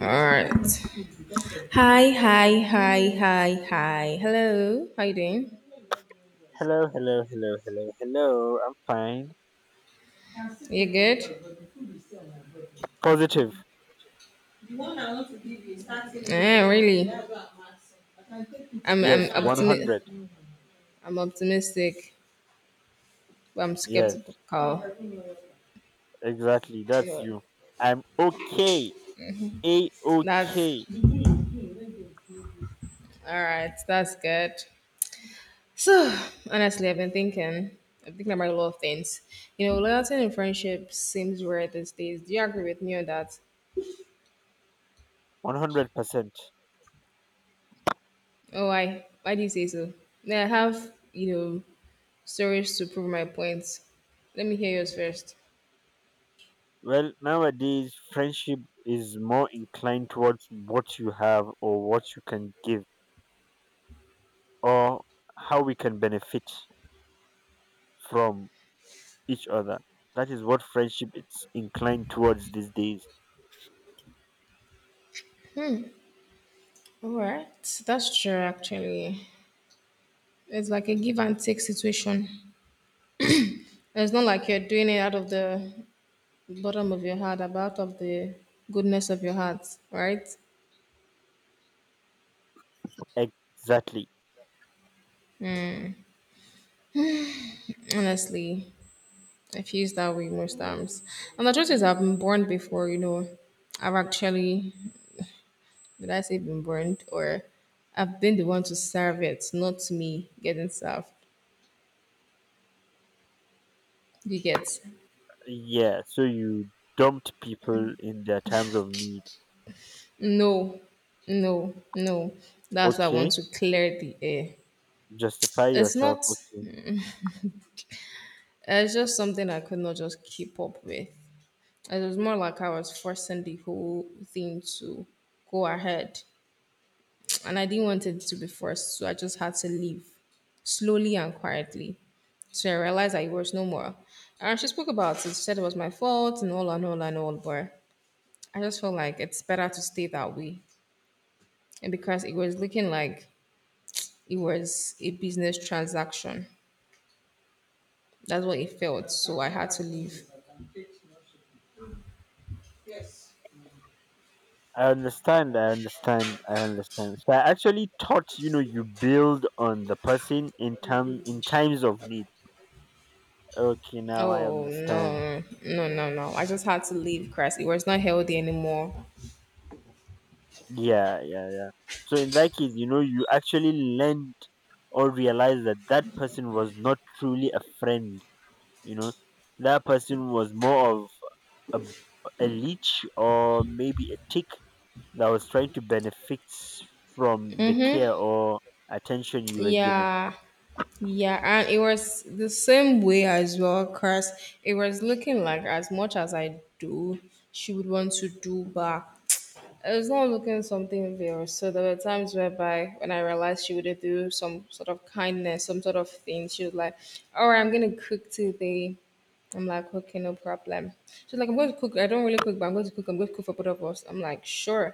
All right. Hi, hi, hi, hi, hi. Hello. How you doing? Hello, hello, hello, hello, hello. I'm fine. You good? Positive. Yeah, really. I'm Yes, I'm optimi- 100. I'm optimistic, but I'm skeptical. Yes, exactly. You That's know, you. I'm okay. A okay. that's all right. That's good. So honestly, I've been thinking. I'm thinking about a lot of things. You know, loyalty and friendship seems rare these days. Do you agree with me on that? 100%. Oh, why? Why do you say so? Yeah, have stories to prove my point. Let me hear yours first. Well, nowadays, friendship is more inclined towards what you have or what you can give or how we can benefit from each other. That is what friendship is inclined towards these days. All right, that's true. Actually, it's like a give and take situation. It's not like you're doing it out of the bottom of your heart, but out of the goodness of your heart, right? Exactly. Honestly, I feel that way most times. And the truth is, I've been burned before. You know, I've actually did I say been burned or I've been the one to serve it, not me getting served. You get. Yeah, so you dumped people in their times of need. No, no, no. That's why I want Okay, to clear the air. justify It's yourself. not, Okay, it's just something I could not just keep up with. It was more like I was forcing the whole thing to go ahead. And I didn't want it to be forced, so I just had to leave slowly and quietly. So I realized I was no more. And she spoke about it. She said it was my fault and all and all and all, but I just felt like it's better to stay that way. And because it was looking like it was a business transaction. That's what it felt. So I had to leave. I understand. I understand. I understand. So I actually thought you build on the person in times of need. Okay, now I Oh understand. no, no, Uh, no, no! I just had to leave. Christ, it was not healthy anymore. Yeah, yeah, yeah. So in that case, you know, you actually learned or realized that person was not truly a friend. You know, that person was more of a leech or maybe a tick that was trying to benefit from the care or attention you were given. Yeah, yeah, and it was the same way as well. Cause it was looking like as much as I do, she would want to do back. I was not looking something real. So there were times whereby when I realized she would do some sort of kindness, some sort of thing, she was like, all right, I'm gonna cook today. I'm like, okay, no problem. She's like, I'm going to cook. I don't really cook, but I'm going to cook. I'm going to cook for both of us. I'm like, sure.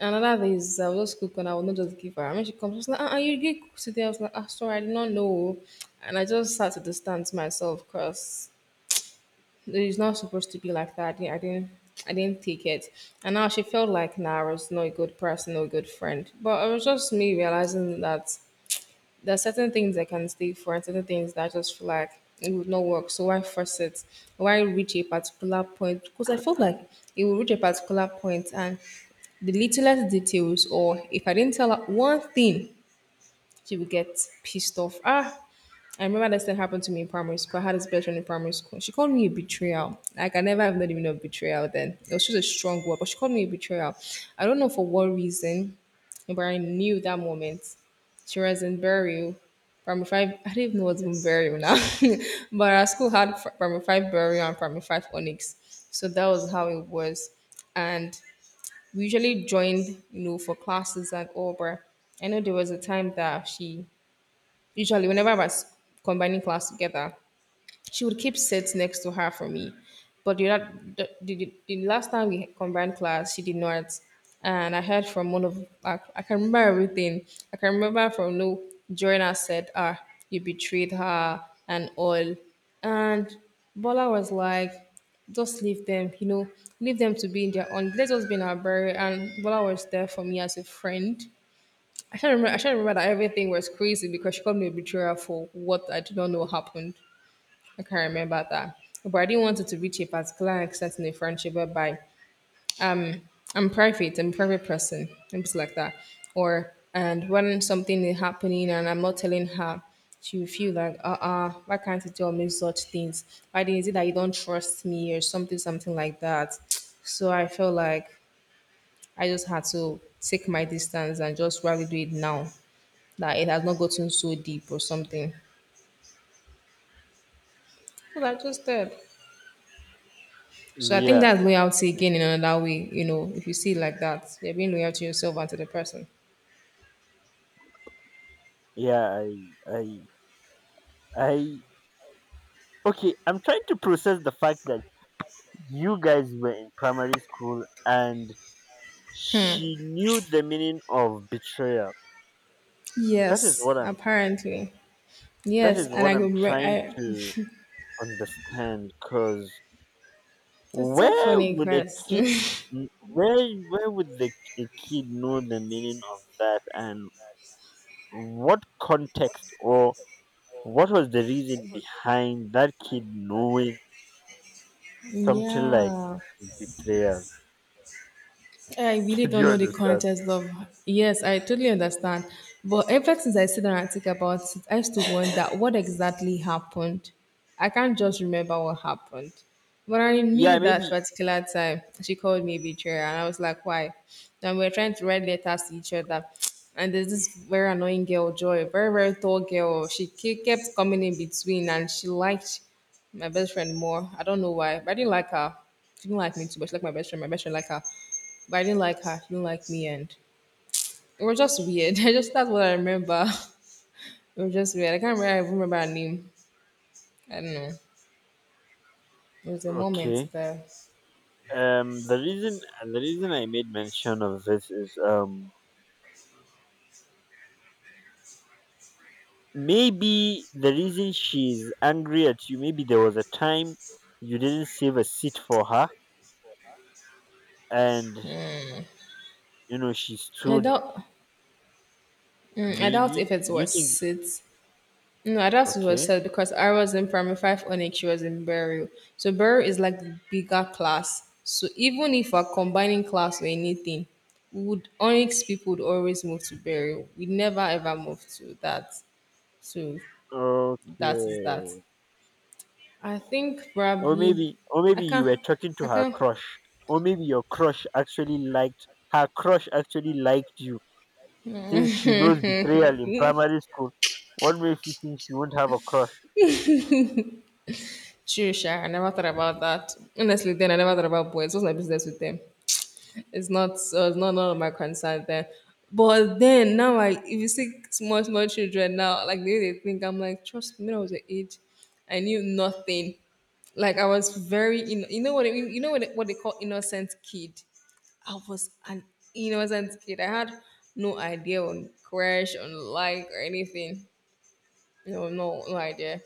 And another is, I will just cook and I will not just give her. And when she comes, she's like, uh-uh, you did cook today. I was like, ah, sorry, I did not know. And I just had to distance myself because it's not supposed to be like that. I didn't take it. And now she felt like, nah, I was not a good person, not a good friend. But it was just me realizing that there are certain things I can stay for and certain things that I just feel like it would not work. So why force it? Why reach a particular point? Because I felt like it would reach a particular point and the littlest details, or if I didn't tell her one thing, she would get pissed off. Ah, I remember this thing happened to me in primary school. I had this best friend in primary school. She called me a betrayal. Like I never have not even know betrayal then. It was just a strong word, but she called me a betrayal. I don't know for what reason, but I knew that moment. She was in burial. Primary five, I didn't even know what's even burial now. But our school had primary five burial and primary five onyx. So that was how it was. And we usually joined, you know, for classes and all, but I know there was a time that she usually, whenever I was combining class together, she would keep sets next to her for me. But the, la- the last time we combined class, she did not. And I heard from one of, I can remember everything. I can remember from no, Joanna said, ah, you betrayed her and all. And Bola was like, just leave them, leave them to be in their own. Let us be in our burial. And Bola was there for me as a friend. I can't remember. I can't remember that everything was crazy because she called me a betrayer for what I do not know happened. I can't remember that, but I didn't want it to reach a particular extent in a friendship whereby I'm private, I'm a private person, things like that. Or and when something is happening and I'm not telling her, she will feel like, why can't you tell me such things? Why is it that you don't trust me or something, something like that? So I felt like I just had to take my distance and just rather do it now that it has not gotten so deep or something. Well, I just said. So I think Yeah, that's loyalty again in another way, if you see it like that. You're being loyal to yourself and to the person. yeah, I, I. Okay, I'm trying to process the fact that you guys were in primary school and she knew the meaning of betrayal. That is Yes, what I'm. apparently. That Yes, is and what I I'm could. Trying to understand. Cause It's so where funny, would a Chris. kid n- where would the a kid know the meaning of that and what context or what was the reason behind that kid knowing something like Yeah. betrayal? I really Do don't you know the understand? context of. Yes, I totally understand. But ever since I sit down and think about it, I used to wonder what exactly happened. I can't just remember what happened. But I Yeah, knew that maybe particular time she called me betrayer, and I was like, why? And we were trying to write letters to each other. And there's this very annoying girl, Joy, very, very tall girl. She kept coming in between, and she liked my best friend more. I don't know why, but I didn't like her. She didn't like me too, but she liked my best friend. My best friend liked her. But I didn't like her. She didn't like me, and it was just weird. I just That's what I remember. It was just weird. I can't remember. I even remember her name. I don't know. It was a moment okay. there. The reason, and the reason I made mention of this is, maybe the reason she's angry at you, maybe there was a time you didn't save a seat for her and you know, she I stood, doubt. I doubt if maybe it you think was it. No, I doubt it was okay. Sid because I was in primary five onyx. She was in burial. So burial is like the bigger class. So even if we're combining class or anything, we would onyx people would always move to burial. We never ever moved to that. So that is that. Okay. I think Or probably maybe, or I maybe you can't. were talking to I her can't. crush. Or maybe your crush actually liked her crush actually liked you. Since she knows betrayal in primary school, what makes you think she won't have a crush? Sure, I never thought about that. Honestly, then I never thought about boys. What's my business with them? It's not. So it's not none of my concern then. But then now, I if you see small small children now, like the way they think, I'm like, trust me. When I was your age, I knew nothing. Like I was very, in, you know what I mean. You know what what they call innocent kid. I was an innocent kid. I had no idea on crush, on like, or anything. No, no, no idea.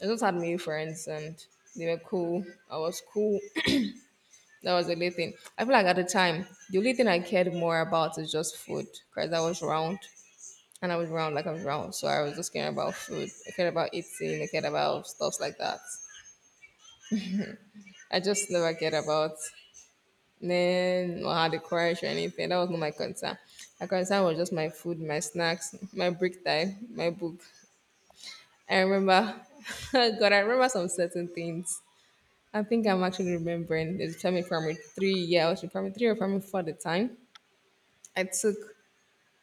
I just had many friends and they were cool. I was cool. That was the only thing. I feel like at the time, the only thing I cared more about is just food because I was round and I was round like I was round. So I was just caring about food. I cared about eating. I cared about stuff like that. I just never cared about men or how to crush or anything. That was not my concern. My concern was just my food, my snacks, my break time, my book. I remember, God, I remember some certain things I think I'm actually remembering. It's probably primary three. Yeah, I was in primary three or primary four at the time. I took,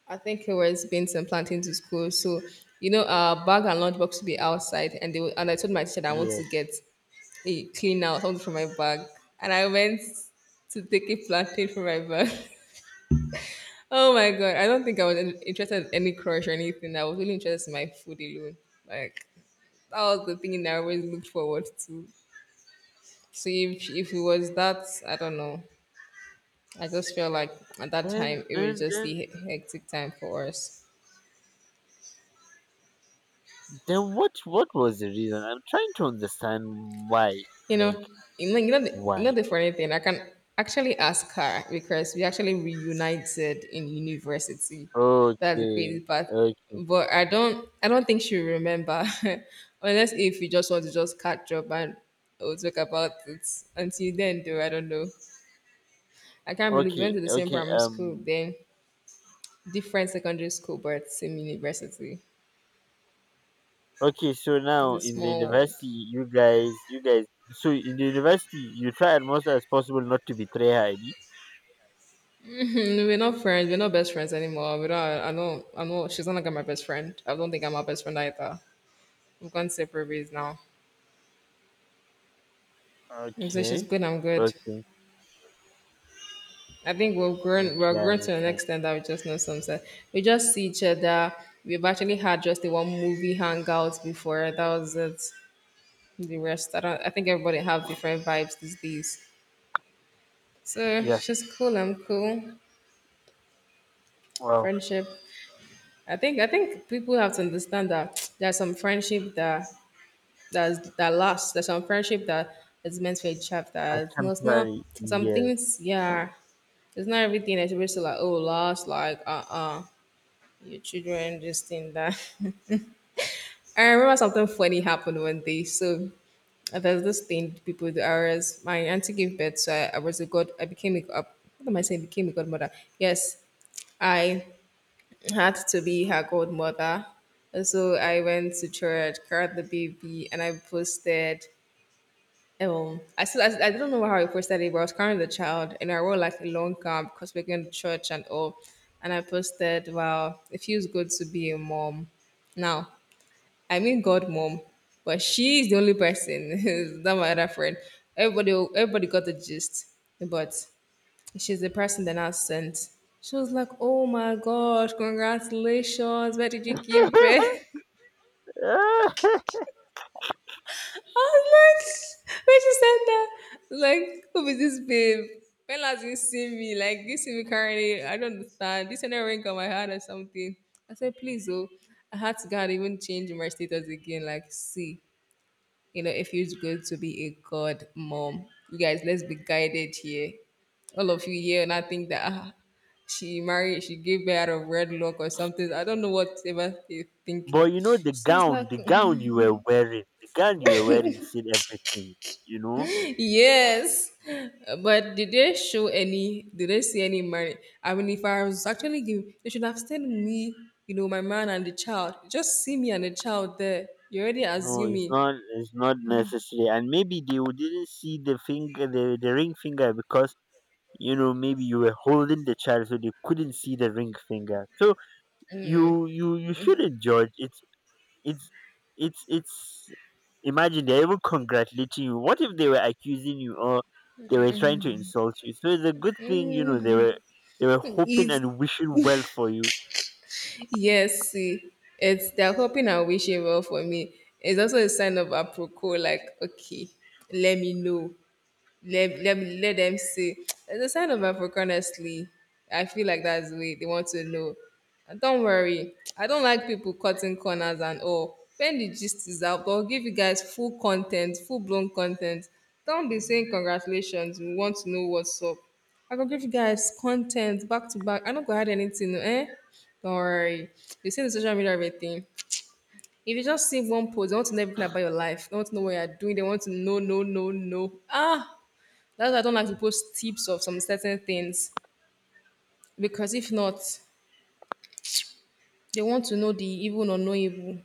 I think it was beans and plantains to school. So, bag and lunchbox would be outside, and I told my teacher that I want Yeah. to get a clean out something from my bag, and I went to take a plantain from my bag. Oh my god! I don't think I was interested in any crush or anything. I was really interested in my food alone. Like that was the thing that I always looked forward to. So if it was that, I don't know. I just feel like at that Then time it was then just the then hectic time for us. then what was the reason? I'm trying to understand why. You Like know, you know why? the funny thing. I can actually ask her because we actually reunited in university. That's the crazy Okay. part. Okay. But I don't think she will remember, unless if you just want to just catch up and we'll talk about it. Until then, though, I don't know. I can't believe we Okay. went to the same Okay. primary school, Um, then different secondary school, but same university. okay, so It's now a in the small world. university, so in the university, you try as much as possible not to betray her, Abi. Mm, we're not friends. We're not best friends anymore. We don't. I don't. I know she's not like my best friend. I don't think I'm her best friend either. We've gone separate ways now. And so she's Okay, good, I'm good. okay, I think we've grown. We're okay, I grown to an understand. extent that we just know some stuff. We just see each other. We've actually had just the one movie hangout before. That was it. The rest, I don't. I think everybody have different vibes these days. So Yeah, she's cool, I'm cool. well, Friendship. I think people have to understand that there are some friendship that that's that lasts. There's some friendship that is meant for a a chapter. It's not temporary, some yes. things. Yeah, it's not everything. It's basically like, oh, last like your children this thing that. I remember something funny happened one day. So there's this thing people do. I was My auntie gave birth, so I was a god. I became a god. What am I saying? Became a godmother. Yes, I had to be her godmother. And so I went to church, carried the baby, and I posted. I still, I don't know how I posted it, but I was carrying the child and I wore like a long gown because we're going to church and all. And I posted, wow, it feels good to be a mom. Now, I mean God mom, but she's the only person, not my other friend. Everybody got the gist, but she's the person that I sent. She was like, oh my gosh, congratulations, where did you give birth? Was like, when she said that, I was like, who is this babe? When last you see me? Like, you see me currently? I don't understand. This another ring on my heart or something. I said, please, oh, I had to God even change my status again. Like, see, you know, if you're going to be a god mom, you guys, let's be guided here. All of you here, and I think that ah, she married, she gave birth out of red wedlock or something. I don't know what ever they're thinking. But you know the She was gown, like, the gown you were wearing said everything. You know, yes, but did they show any? Did they see any money? I mean, if I was actually giving, they should have sent me, you know, my man and the child. Just see me and the child there. You're already no, assuming. It's not necessary. And maybe they w- didn't see the finger, the ring finger, because you know, maybe you were holding the child so they couldn't see the ring finger, so you shouldn't judge. It's it's imagine they're even congratulating you. What if they were accusing you, or they were trying to insult you? So it's a good thing. You know, they were hoping It's, and wishing well for you. yes, see, it's they're hoping and wishing well for me. It's also a sign of apropos, like okay, let me know. Let, let, let them see. It's a sign of Africa, honestly. I feel like that's the way they want to know. And don't worry, I don't like people cutting corners and all. When the gist is out, I'll give you guys full content, full blown content. Don't be saying congratulations, we want to know what's up. I can give you guys content back to back. I don't go add anything, no, eh? Don't worry. You see the social media everything. If you just see one post, they want to know everything about your life. They want to know what you're doing. They want to know, no, no, no. Ah, that's why I don't like to post tips of some certain things because if not, they want to know the evil or no evil.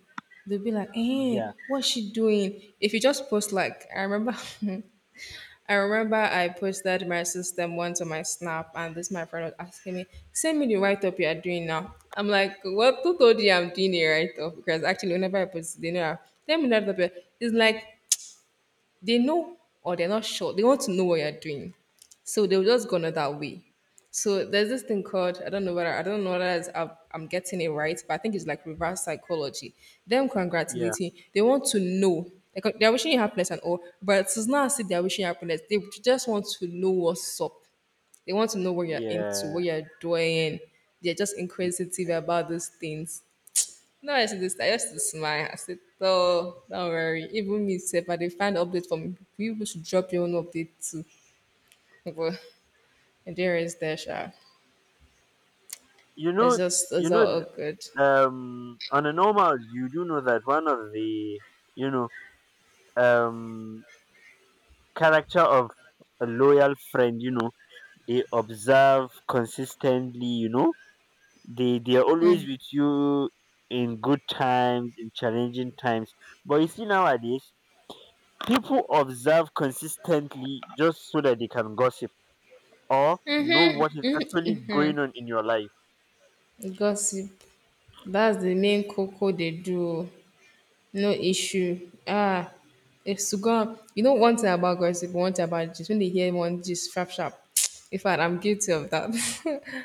They'll be like, eh, Yeah, what's she doing? If you just post like, I remember, I remember I posted my system once on my snap, and this my friend was asking me, send me the write up you are doing now. I'm like, what? Who told you I'm doing a write up? Because actually, whenever I post, they know. I- Send me the write up. It's like they know or they're not sure. They want to know what you're doing. So they'll just go on that way. So there's this thing called, I don't know whether, I don't know whether it's, I'm getting it right, but I think it's like reverse psychology. Them yeah, congratulating, they want to know. Like, they're wishing you happiness and all, but it's not as if they're wishing you happiness. They just want to know what's up. They want to know what you're into, what yeah. you're doing. They're just inquisitive about those things. No, I said this. I used to smile. I said, oh, don't worry. Even me, if I did find update from me, people should drop your own update too. But there is there, sha. you It's know just, you it's know all th- good. On a normal, you do know that one of the, you know, um character of a loyal friend, you know, they observe consistently. You know, they are always with you in good times, in challenging times. But you see, nowadays, people observe consistently just so that they can gossip or know what is actually going on in your life. Gossip. That's the main cocoa they do. No issue. Ah, if has gone. You know one thing about gossip, one thing about gist. When they hear one gist, sharp, sharp. In fact, I'm guilty of that.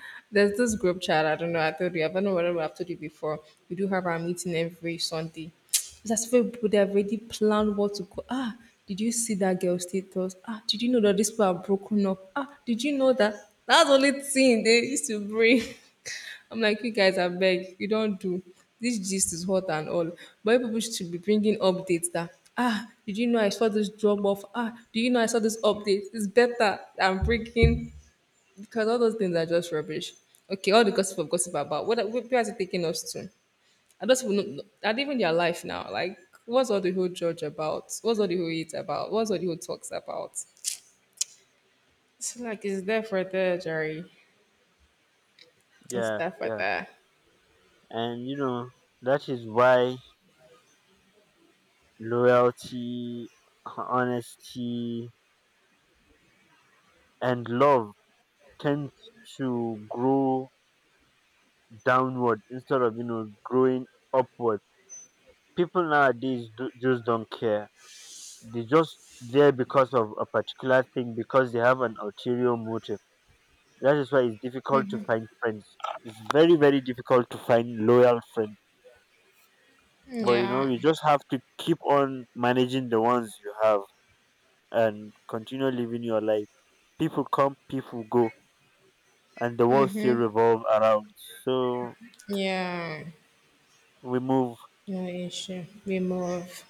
There's this group chat. I don't know. I told you. I don't know whether I've told you before. We do have our meeting every Sunday. It's as if people they have already planned what to go. Ah, did you see that girl status? Ah, did you know that this people are broken up? Ah, did you know that? That's the only thing they used to bring. I'm like, you guys, I beg, you don't do. This gist is hot and all. But people should be bringing updates that, ah, did you know I saw this drop off? Ah, do you know I saw this update? It's better than breaking because all those things are just rubbish. Okay, all the gossip of gossip about what are- where is it taking us to? I don't even know, not even their life now. Like, what's all the whole judge about? What's all the whole eat about? What's all the whole talks about? It's like, it's there for there, Jerry. It's Yeah, there for yeah. there. And you know, that is why loyalty, honesty, and love tend to grow downward instead of, you know, growing upward. People nowadays do, just don't care. They just there because of a particular thing, because they have an ulterior motive. That is why it's difficult to find friends. It's very, very difficult to find loyal friends. But you know, Yeah, you just have to keep on managing the ones you have and continue living your life. People come, people go, and the world still revolve around. So yeah. we move. Yeah, no issue. We move.